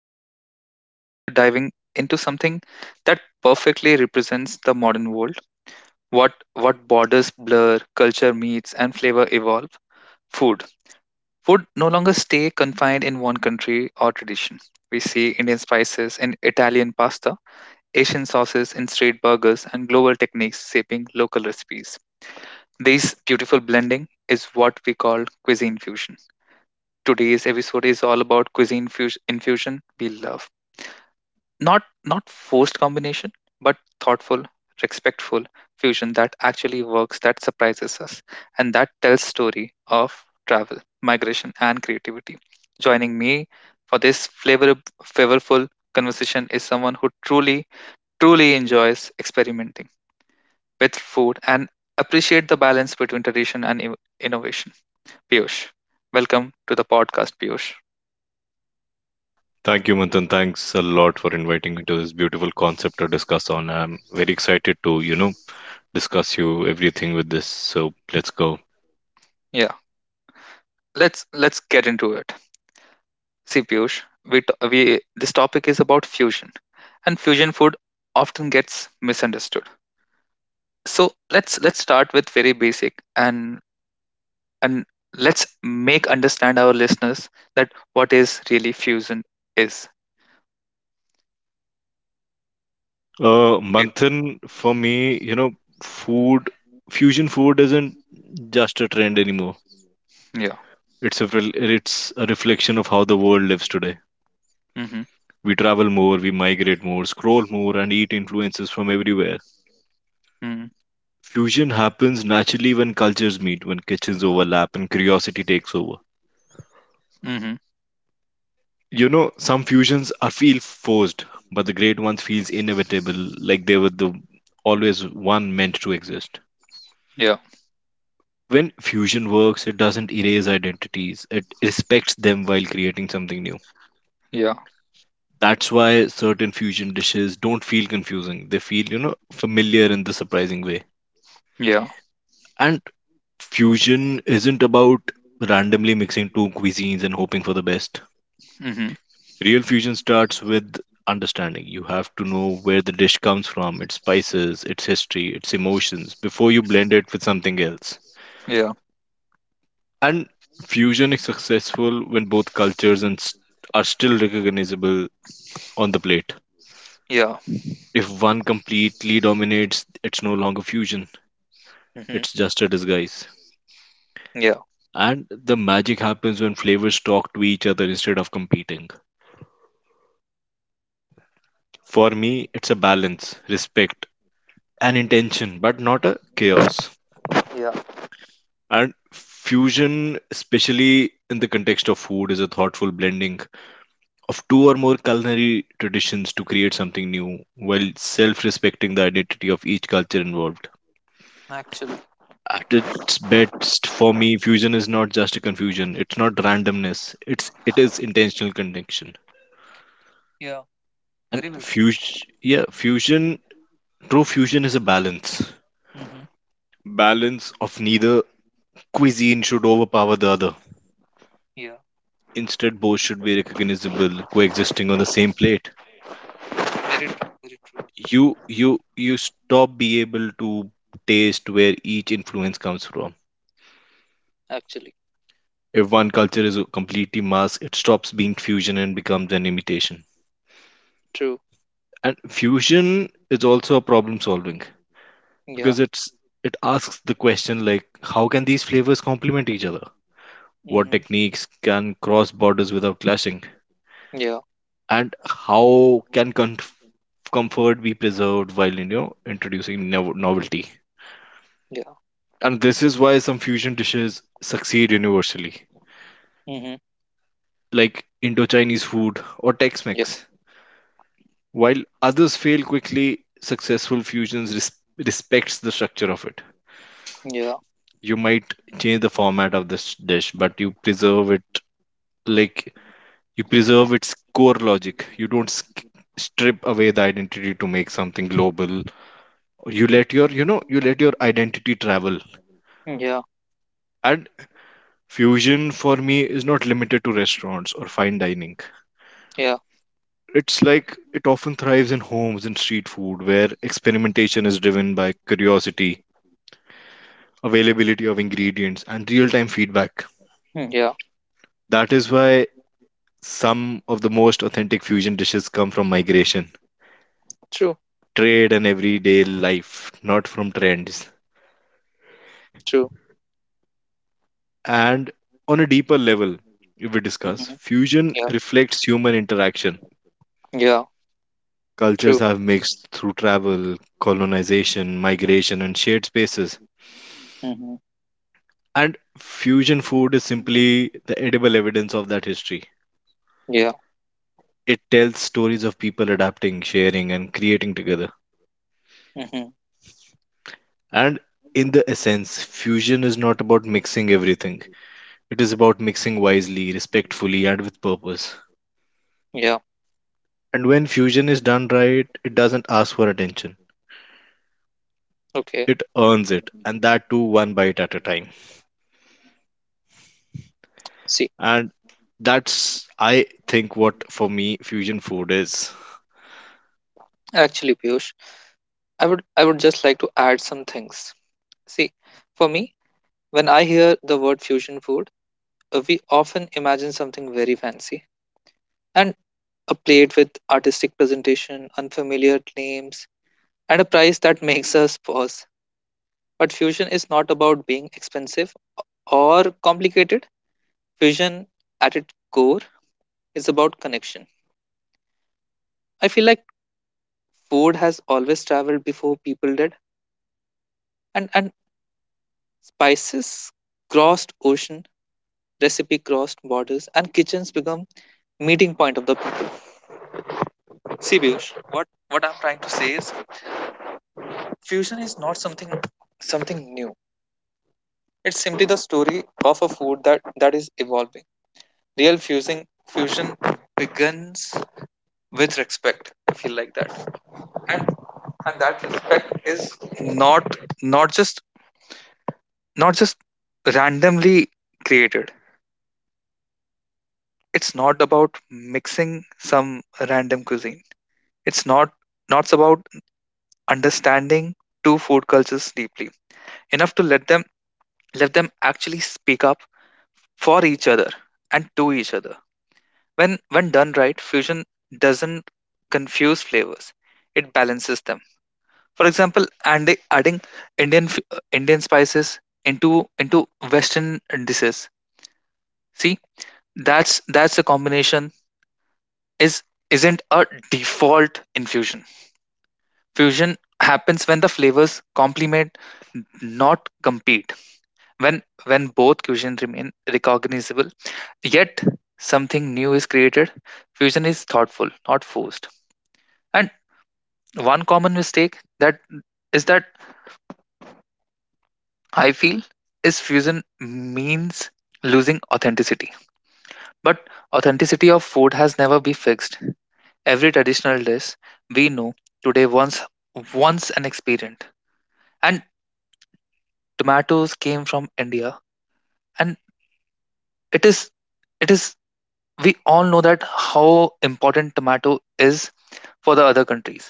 host, Manthan, and today we are diving into something that perfectly represents the modern world. What borders blur, culture meets, and flavor evolve. Food. Food no longer stay confined in one country or tradition. We see Indian spices in Italian pasta, Asian sauces in street burgers, and global techniques shaping local recipes. This beautiful blending is what we call cuisine fusion. Today's episode is all about cuisine infusion we love. Not forced combination, but thoughtful, respectful fusion that actually works, that surprises us, and that tells story of travel, migration, and creativity. Joining me for this flavorful conversation is someone who truly enjoys experimenting with food and appreciate the balance between tradition and innovation. Piyush, welcome to the podcast, Piyush. Thank you, Manthan. Thanks a lot for inviting me to this beautiful concept to discuss on. I'm very excited to, discuss you everything with this. So let's go. Yes. Let's get into it. See, Piyush, we, t- we this topic is about fusion and fusion food often gets misunderstood. So let's start with very basic and let's make understand our listeners that what is really fusion is. Uh, Yeah. Manthan, for me, food, fusion food isn't just a trend anymore. Yeah. It's a reflection of how the world lives today. Mhm. We travel more, we migrate more, scroll more, and eat influences from everywhere. Mhm. Fusion happens naturally when cultures meet, when kitchens overlap, and curiosity takes over. Mhm. You know, some fusions are feel forced, but the great ones feels inevitable, like they were the always one meant to exist. Yeah. When fusion works, it doesn't erase identities. It respects them while creating something new. Yeah. That's why certain fusion dishes don't feel confusing. They feel, familiar in the surprising way. Yeah. And fusion isn't about randomly mixing two cuisines and hoping for the best. Mhm. Real fusion starts with understanding. You have to know where the dish comes from, its spices, its history, its emotions, before you blend it with something else. Yeah. And fusion is successful when both cultures are still recognizable on the plate. Yeah. If one completely dominates, it's no longer fusion, Mhm. it's just a disguise. Yeah. And the magic happens when flavors talk to each other instead of competing. For me, it's a balance, respect, and intention, but not a chaos. Yeah. And fusion, especially in the context of food, is a thoughtful blending of two or more culinary traditions to create something new while self respecting the identity of each culture involved. Actually. At its best, for me, fusion is not just a confusion, it's not randomness, it is intentional connection. Yeah. And Very well said. fusion, yeah, fusion, true fusion is a balance. Mhm. Balance of neither cuisine should overpower the other. Yeah. Instead, both should be recognizable, coexisting on the same plate. Very true. Very You stop be able to taste where each influence comes from. If one culture is completely masked, it stops being fusion and becomes an imitation. true. And fusion is also a problem solving Yeah. because it's, it asks the question like how can these flavors complement each other, what Mhm. techniques can cross borders without clashing, Yeah. and how can comfort be preserved while introducing novelty. And this is why some fusion dishes succeed universally, Mhm. like Indo Chinese food or Tex Yeah. Mex. While others fail quickly, successful fusions respects the structure of it. Yeah. You might change the format of this dish, but you preserve it, like you preserve its core logic. You don't strip away the identity to make something global. You let your you let your identity travel. Yeah. And fusion for me is not limited to restaurants or fine dining. Yeah. It's like it often thrives in homes and street food where experimentation is driven by curiosity, availability of ingredients, and real time feedback. Mm. Yeah. That is why some of the most authentic fusion dishes come from migration, True. trade, and everyday life, not from trends. True. And on a deeper level, if we discuss, Mhm. fusion Yeah. reflects human interaction. Yeah. Cultures True. have mixed through travel, colonization, migration, and shared spaces. Mhm. And fusion food is simply the edible evidence of that history. Yeah. It tells stories of people adapting, sharing, and creating together. Mhm. And in the essence, fusion is not about mixing everything, it is about mixing wisely, respectfully, and with purpose. Yeah. And when fusion is done right, it doesn't ask for attention, Okay. it earns it, and that too one bite at a time. See, And that's, I think, what for me fusion food is. actually, Piyush, I would just like to add some things. See, for me, when I hear the word fusion food, we often imagine something very fancy and a plate with artistic presentation, unfamiliar names, and a price that makes us pause. But fusion is not about being expensive or complicated. Fusion, at its core, is about connection. I feel like food has always traveled before people did, and spices crossed ocean, recipe crossed borders, and kitchens become meeting point of the people. See, Piyush, what I'm trying to say is, fusion is not something new. It's simply the story of a food that is evolving. Real fusing fusion begins with respect. I feel like that, and and that respect is not just randomly created. It's not about mixing some random cuisine. It's not about understanding two food cultures deeply enough to let them actually speak up for each other and to each other. When done right, fusion doesn't confuse flavors. It balances them. For example, and adding Indian spices into into Western dishes. See, that's a combination is isn't a default in fusion. Fusion happens when the flavors complement, not compete. When both cuisine remain recognizable, yet something new is created. Fusion is thoughtful, not forced. And one common mistake that I feel is fusion means losing authenticity. But authenticity of food has never been fixed. Every traditional dish we know today once an experiment. And tomatoes came from India. And it is it is we all know that how important tomato is for the other countries.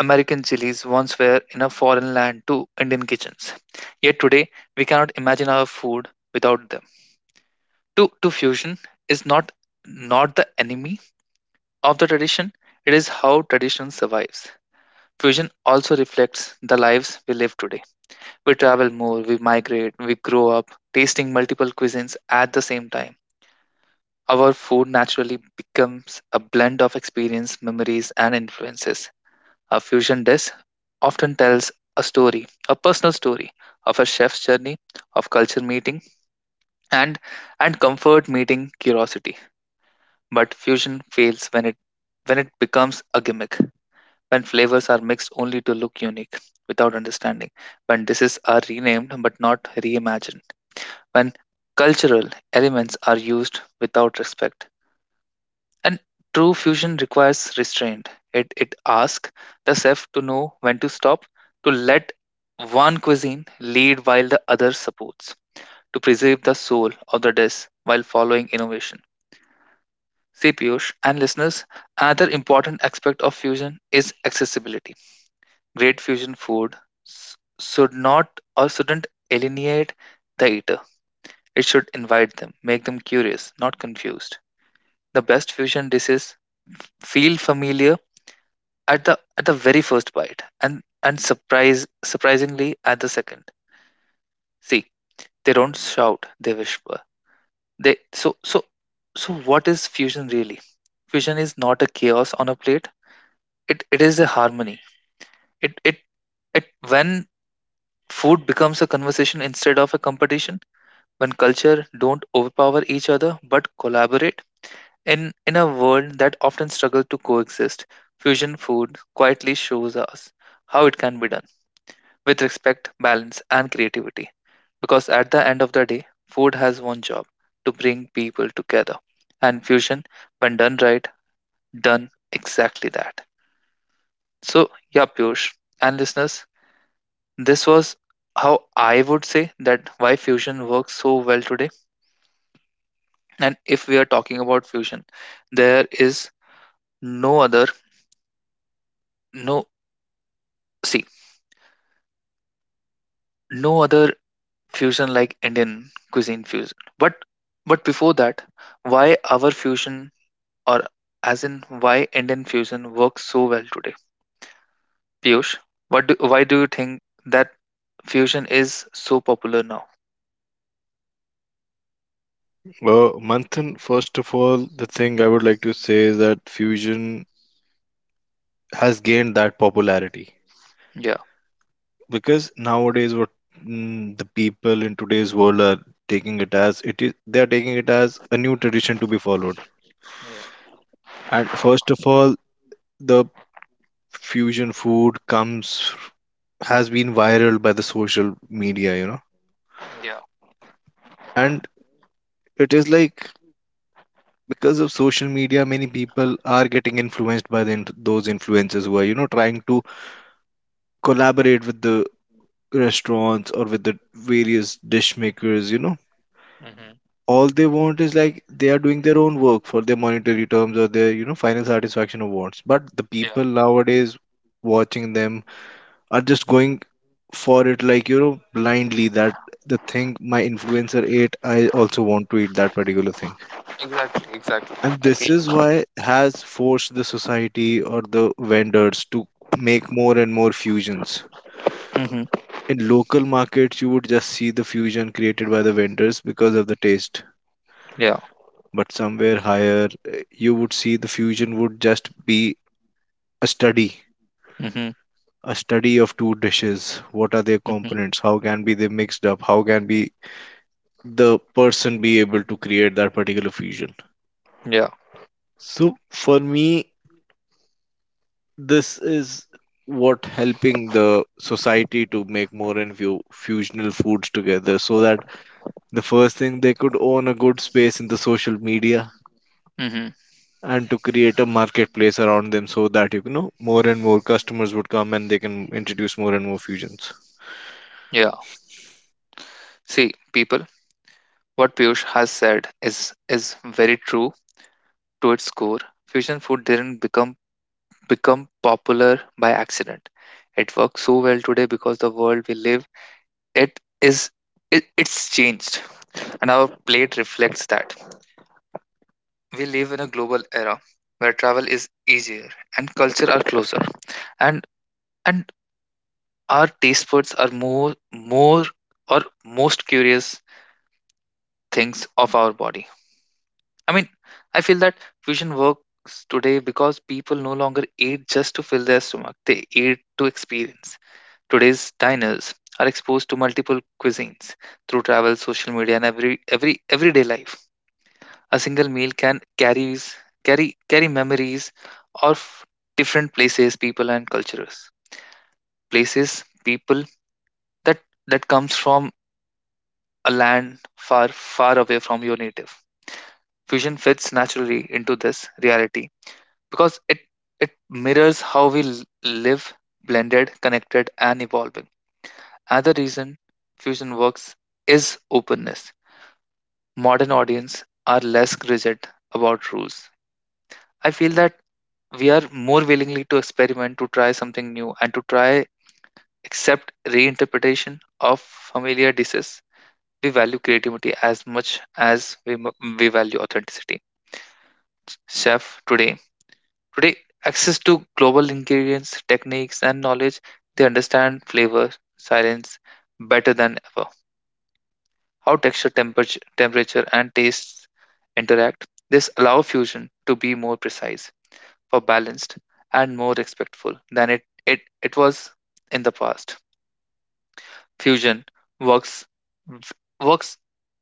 American chilies once were in a foreign land to Indian kitchens. Yet today we cannot imagine our food without them. To fusion is not the enemy of the tradition, it is how tradition survives. Fusion also reflects the lives we live today. We travel more, we migrate, we grow up tasting multiple cuisines at the same time. Our food naturally becomes a blend of experience, memories, and influences. A fusion dish often tells a story, a personal story of a chef's journey, of culture meeting, and and comfort meeting curiosity. But fusion fails when it becomes a gimmick, when flavors are mixed only to look unique without understanding, when dishes are renamed but not reimagined, when cultural elements are used without respect. And true fusion requires restraint. It asks the chef to know when to stop, to let one cuisine lead while the other supports, to preserve the soul of the dish while following innovation. See, Piyush and listeners, another important aspect of fusion is accessibility. Great fusion food should not or shouldn't alienate the eater. It should invite them, make them curious, not confused. The best fusion dishes feel familiar at the very first bite and surprise surprisingly at the second. See they don't shout, they whisper, they so so so what is fusion really? Fusion is not a chaos on a plate, it is a harmony. It it it when food becomes a conversation instead of a competition, when culture don't overpower each other but collaborate in in a world that often struggles to coexist, fusion food quietly shows us how it can be done with respect, balance, and creativity. Because at the end of the day, food has one job: to bring people together. And fusion, when done right, done exactly that. So, yeah, Piyush and listeners, this was how I would say that why fusion works so well today. And if we are talking about fusion, there is no other, no, see, no other fusion like Indian cuisine fusion. But before that, why our fusion or as in why Indian fusion works so well today. Piyush, why do you think that fusion is so popular now? Manthan, first of all, the thing I would like to say is that fusion has gained that popularity Yeah. because nowadays the people in today's world are taking it as it is, they are taking it as a new tradition to be followed. Yeah, And first of all, the fusion food comes has been viral by the social media, you know, yeah, and it is like because of social media, many people are getting influenced by the, those influencers who are you know trying to collaborate with the restaurants or with the various dish makers, you know, mm-hmm. all they want is like they are doing their own work for their monetary terms or their you know final satisfaction awards, but the Yeah, people nowadays watching them are just going for it like you know blindly that the thing my influencer ate, I also want to eat that particular thing. exactly, exactly. And I feel this is you. why has forced the society or the vendors to make more and more fusions. Mm-hmm. In local markets, you would just see the fusion created by the vendors because of the taste. Yeah. But somewhere higher, you would see the fusion would just be a study, Mm-hmm. a study of two dishes. What are their Mm-hmm. components? How can be they mixed up? How can be the person be able to create that particular fusion? Yeah. So for me, this is what helping the society to make more and few fusional foods together so that the first thing they could own a good space in the social media Mm-hmm. and to create a marketplace around them so that you know more and more customers would come and they can introduce more and more fusions. Yeah. See, people, what Piyush has said is very true to its core. Fusion food didn't become popular by accident. It works so well today because the world we live it is it's changed, and our plate reflects that. We live in a global era where travel is easier and culture are closer, and and our taste buds are more or most curious things of our body. I mean, I feel that fusion works today because people no longer eat just to fill their stomach. They eat to experience. Today's diners are exposed to multiple cuisines through travel, social media, and everyday life. A single meal can carries carry carry memories of different places, people, and cultures. Places, people that that comes from a land far away from your native. Fusion fits naturally into this reality because it mirrors how we live, blended, connected, and evolving. Another reason fusion works is openness. Modern audience are less rigid about rules. I feel that we are more willingly to experiment, to try something new, and to try accept reinterpretation of familiar dishes. We value creativity as much as we value authenticity. Chef today, today access to global ingredients, techniques, and knowledge, they understand flavor, silence better than ever. How texture, temperature, and tastes interact. This allow fusion to be more precise for balanced and more respectful than it was in the past. Fusion works works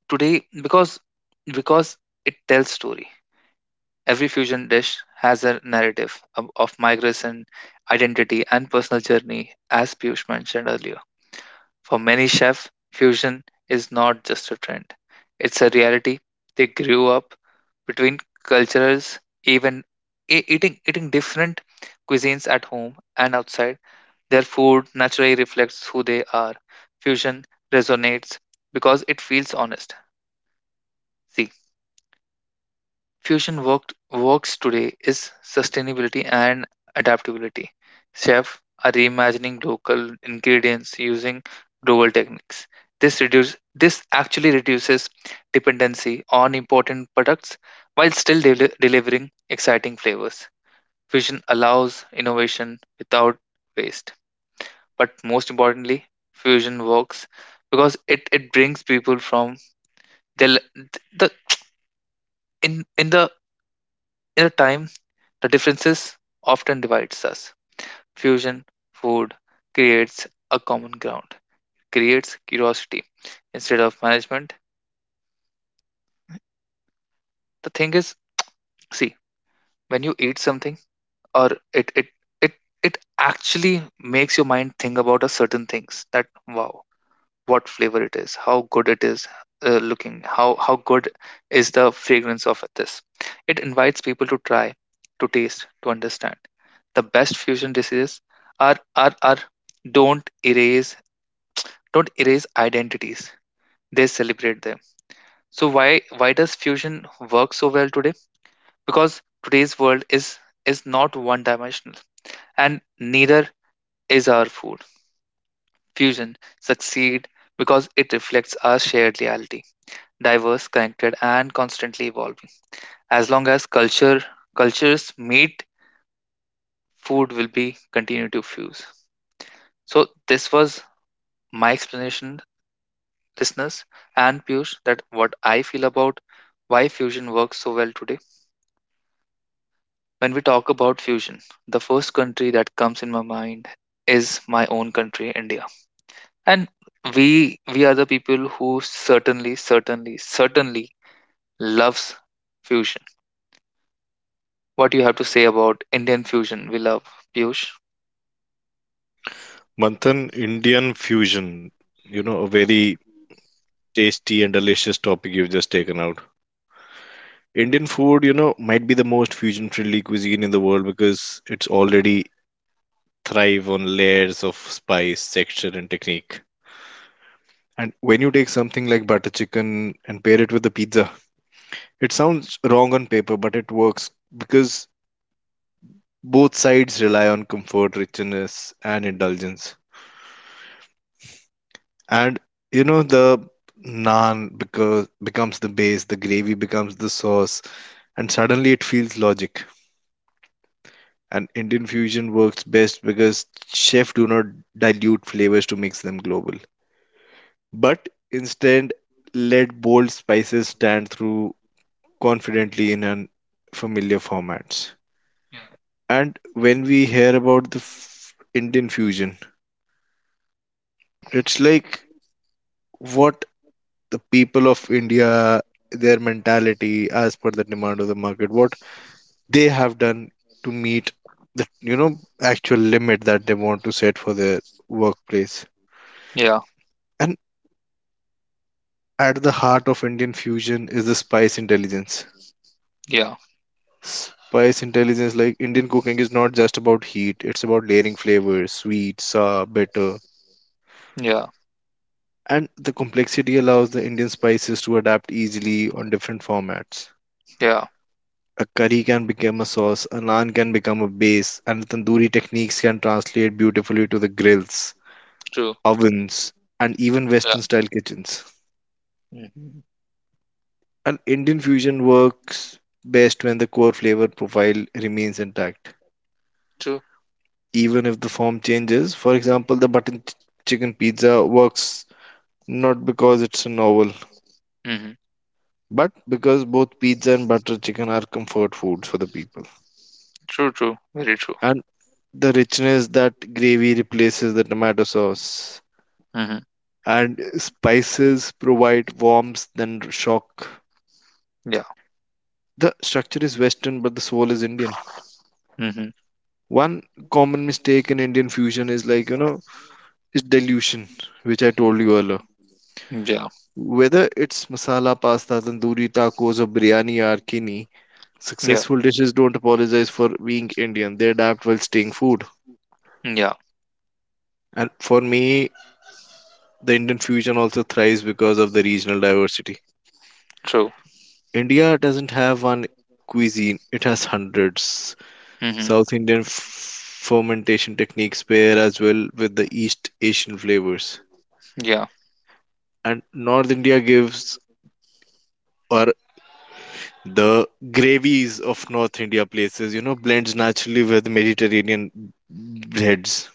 today because it tells story. Every fusion dish has a narrative of migration, identity, and personal journey, as Piyush mentioned earlier. For many chefs, fusion is not just a trend, it's a reality. They grew up between cultures, even eating different cuisines at home and outside. Their food naturally reflects who they are. Fusion resonates because it feels honest. See, fusion works today is sustainability and adaptability. Chefs are reimagining local ingredients using global techniques. This actually reduces dependency on important products while still delivering exciting flavors. Fusion allows innovation without waste. But most importantly, fusion works because it brings people from the, the in the in a time. The differences often divides us. Fusion food creates a common ground, creates curiosity instead of management. The thing is, see, when you eat something or it it actually makes your mind think about a certain things that wow, what flavor it is, how good it is looking, how good is the fragrance of this. It invites people to try, to taste, to understand. The best fusion dishes are don't erase don't erase identities. They celebrate them. So why does fusion work so well today? Because today's world is not one dimensional, and neither is our food. Fusion succeed because it reflects our shared reality, diverse, connected, and constantly evolving. As long as cultures meet, food will be continue to fuse. So this was my explanation, listeners and Piyush, that what I feel about why fusion works so well today. When we talk about fusion, the first country that comes in my mind is my own country, India. And we are the people who certainly, certainly, certainly loves fusion. What you have to say about Indian fusion we love, Piyush? Manthan, Indian fusion, you know, a very tasty and delicious topic you've just taken out. Indian food, you know, might be the most fusion friendly cuisine in the world because it's already thrive on layers of spice, texture, and technique. And when you take something like butter chicken and pair it with the pizza, it sounds wrong on paper, but it works because both sides rely on comfort, richness, and indulgence. And you know the naan because becomes the base, the gravy becomes the sauce, and suddenly it feels logic. And Indian fusion works best because chefs do not dilute flavors to mix them global, but instead let bold spices stand through confidently in unfamiliar formats. And when we hear about the Indian fusion, it's like what the people of India, their mentality as per the demand of the market, what they have done to meet the you know actual limit that they want to set for their workplace. Yeah, And at the heart of Indian fusion is the spice intelligence. yeah, Spice intelligence, like Indian cooking, is not just about heat; it's about layering flavors, sweet, sour, bitter, yeah, and the complexity allows the Indian spices to adapt easily on different formats. yeah. A curry can become a sauce, a naan can become a base, and tandoori techniques can translate beautifully to the grills, True. ovens, and even Yeah. Western style kitchens. Hmm. And Indian fusion works best when the core flavor profile remains intact, True. even if the form changes. For example, the button chicken pizza works not because it's a novel, Hmm. but because both pizza and butter chicken are comfort foods for the people. True. True. Very true. And the richness that gravy replaces the tomato sauce Hmm. and spices provide warmth than shock. Yeah. The structure is Western, but the soul is Indian. Hmm. One common mistake in Indian fusion is like, you know, is dilution, which I told you earlier. Yeah. Whether it's masala pasta, tandoori tacos, or biryani or kini, Yeah. successful dishes don't apologize for being Indian. They adapt while staying food. Yeah. And for me, the Indian fusion also thrives because of the regional diversity. True. India doesn't have one cuisine, it has hundreds. Hmm. South Indian fermentation techniques pair as well with the East Asian flavors. Yeah. And North India gives, or the gravies of North India places, you know, blends naturally with Mediterranean breads.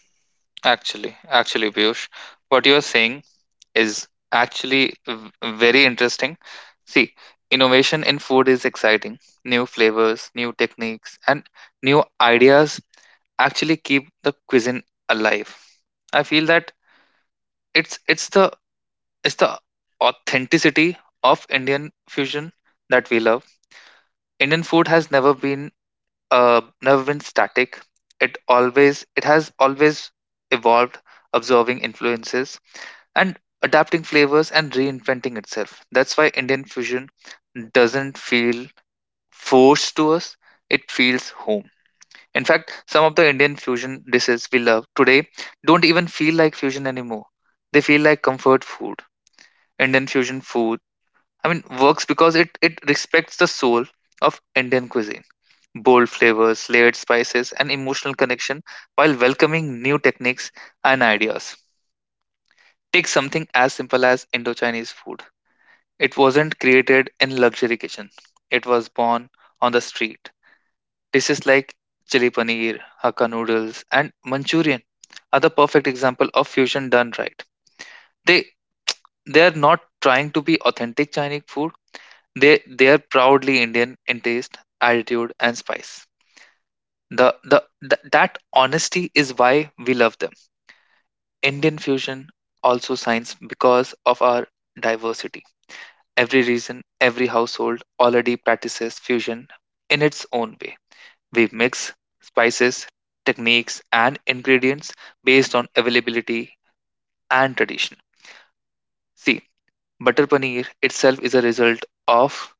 Actually, Piyush, what you are saying is actually very interesting. See, innovation in food is exciting. New flavors, new techniques, and new ideas actually keep the cuisine alive. I feel that it's the it's the authenticity of Indian fusion that we love. Indian food has never been never been static. It has always evolved, absorbing influences and adapting flavors and reinventing itself. That's why Indian fusion doesn't feel forced to us. It feels home. In fact, some of the Indian fusion dishes we love today don't even feel like fusion anymore. They feel like comfort food Indian fusion food. I mean, works because it respects the soul of Indian cuisine. Bold flavors, layered spices, and emotional connection while welcoming new techniques and ideas. Take something as simple as Indo-Chinese food. It wasn't created in luxury kitchen. It was born on the street. Dishes like chili paneer, hakka noodles, and Manchurian are the perfect example of fusion done right. They they are not trying to be authentic Chinese food. They are proudly Indian in taste, attitude, and spice. The that honesty is why we love them. Indian fusion also shines because of our diversity. Every region, every household already practices fusion in its own way. We mix spices, techniques, and ingredients based on availability and tradition. See, butter paneer itself is a result of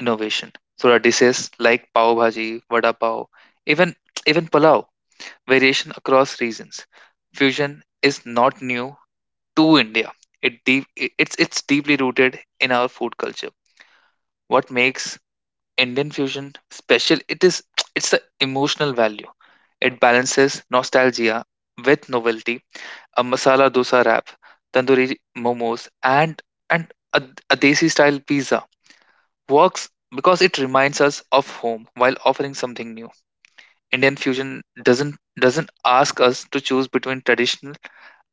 innovation. Sura dishes like pav bhaji, vada pav, even even pulao, variation across regions. Fusion is not new to India. It's deeply rooted in our food culture. What makes Indian fusion special? It's the emotional value. It balances nostalgia with novelty. A masala dosa wrap, tandoori momos, and and a, a desi style pizza works because it reminds us of home while offering something new. Indian fusion doesn't ask us to choose between traditional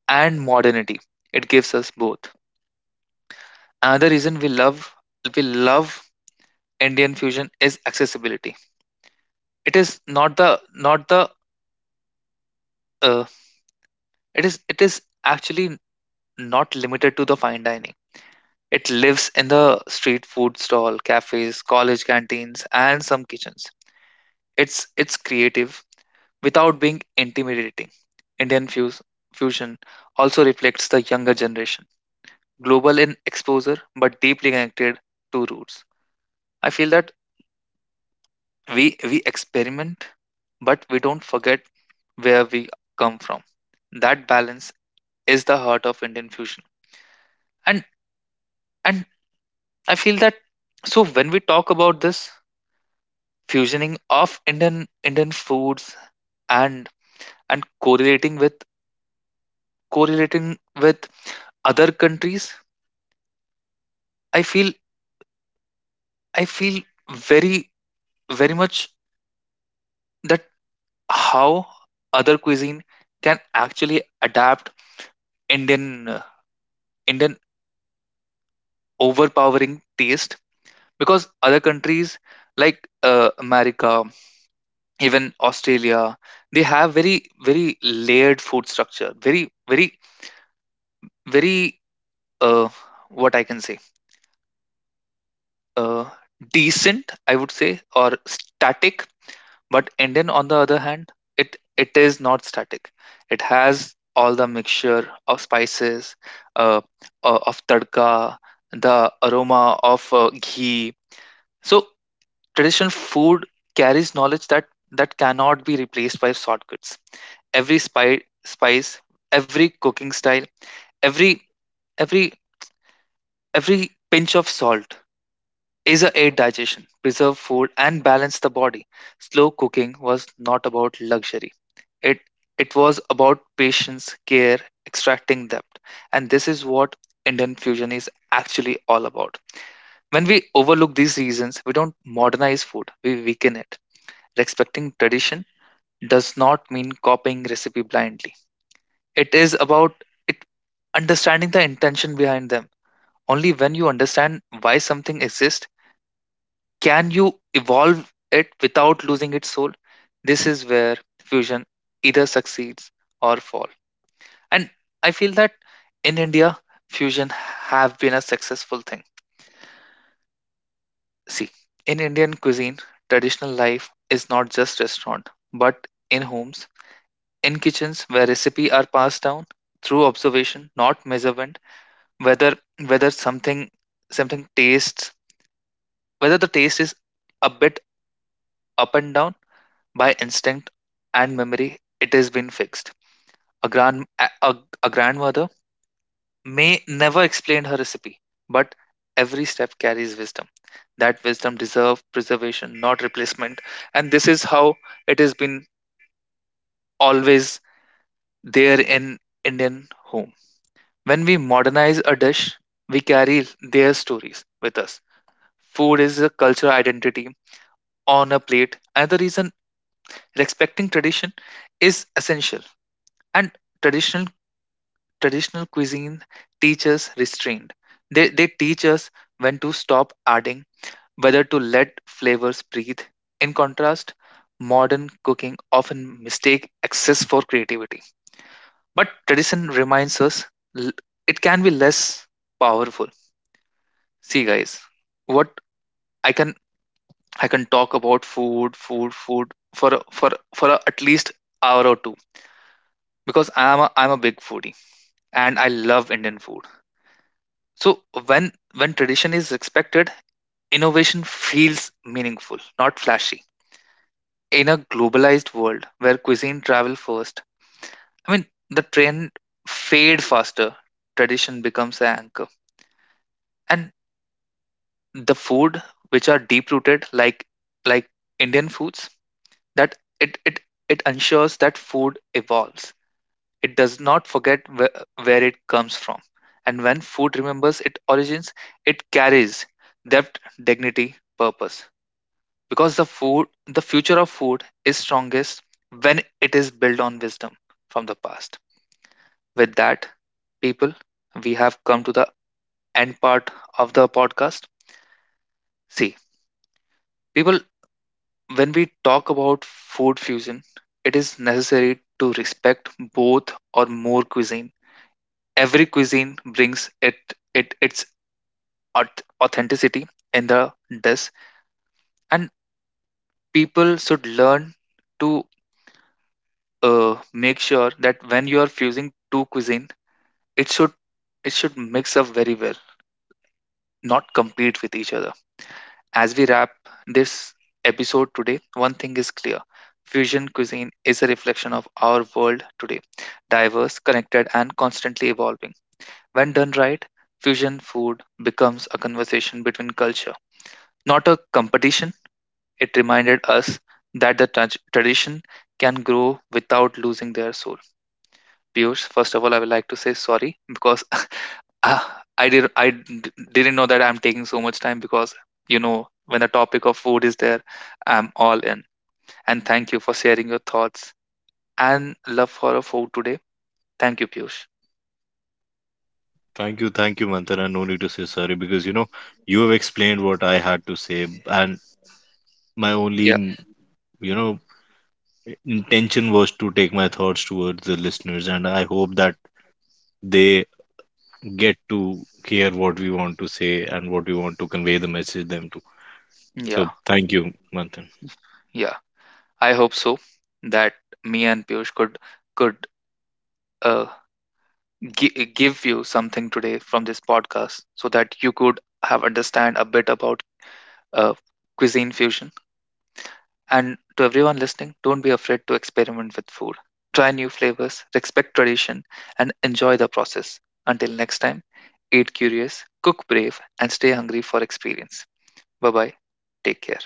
and modernity. It gives us both. Another reason we love Indian fusion is accessibility. It is not the not the uh, it is actually not limited to the fine dining. It lives in the street food stall, cafes, college canteens, and some kitchens. It's creative, without being intimidating. Indian fuse, fusion also reflects the younger generation, global in exposure but deeply connected to roots. I feel that we experiment, but we don't forget where we come from. That balance is the heart of Indian fusion, and and I feel that. So when we talk about this fusioning of Indian foods and and correlating with other countries, I feel I feel very, very much that how other cuisine can actually adapt Indian Indian overpowering taste because other countries like America, even Australia, they have very layered food structure, very uh, what I can say uh, decent, I would say, or static. But Indian, on the other hand, it is not static. It has all the mixture of spices, uh, of tadka, the aroma of ghee. So traditional food carries knowledge that cannot be replaced by shortcuts. Spice, every cooking style, every every every pinch of salt is a aid digestion, preserve food, and balance the body. Slow cooking was not about luxury. It it was about patience, care, extracting depth. And this is what Indian fusion is actually all about. When we overlook these reasons, we don't modernize food, we weaken it. Respecting tradition does not mean copying recipe blindly. It is about it understanding the intention behind them. Only when you understand why something exists can you evolve it without losing its soul. This is where fusion either succeeds or falls. And I feel that in India, fusion have been a successful thing. See, in Indian cuisine, traditional life is not just restaurant, but in homes, in kitchens where recipe are passed down through observation, not measurement, whether whether something something tastes whether the taste is a bit up and down by instinct and memory, it has been fixed. A grand a, a a grandmother may never explained her recipe, but every step carries wisdom. That wisdom deserves preservation, not replacement. And this is how it has been always there in Indian home. When we modernize a dish, we carry their stories with us. Food is a cultural identity on a plate. Another reason respecting tradition is essential. And traditional traditional cuisine teaches restraint. They teach us when to stop adding whether to let flavors breathe. In contrast, modern cooking often mistake excess for creativity. But tradition reminds us l- it can be less powerful. See guys, what I can I can talk about food for a, at least hour or two because I'm a big foodie and I love Indian food. So when tradition is respected, innovation feels meaningful, not flashy. In a globalized world where cuisine travel first, I mean, the trend fade faster. Tradition becomes an anchor, and the food which are deep rooted, like like Indian foods, that it ensures that food evolves. It does not forget where it comes from, and when food remembers its origins, it carries depth, dignity, purpose. Because the future of food is strongest when it is built on wisdom from the past. With that people, we have come to the end part of the podcast. See people, when we talk about food fusion, it is necessary to respect both or more cuisine. Every cuisine brings it its authenticity in the dish, and people should learn to make sure that when you are fusing two cuisine, It should it should mix up very well, not compete with each other. As we wrap this episode today, one thing is clear. Fusion cuisine is a reflection of our world today, diverse, connected, and constantly evolving. When done right, fusion food becomes a conversation between culture, not a competition. It reminded us that tradition can grow without losing their soul. Piyush, first of all, I would like to say sorry because, ah, I didn't know that I'm taking so much time because you know when the topic of food is there, I'm all in. And thank you for sharing your thoughts and love for a food today. Thank you, Piyush. Thank you, Mantana. No need to say sorry because you know you have explained what I had to say, and my only Yeah, you know intention was to take my thoughts towards the listeners, and I hope that they get to hear what we want to say and what we want to convey the message them to. yeah, So thank you, Manthan. yeah. I hope so that me and Piyush could uh, give you something today from this podcast so that you could have understand a bit about uh, cuisine fusion. And to everyone listening, don't be afraid to experiment with food. Try new flavors, respect tradition, and enjoy the process. Until next time, eat curious, cook brave, and stay hungry for experience. Bye bye. Take care.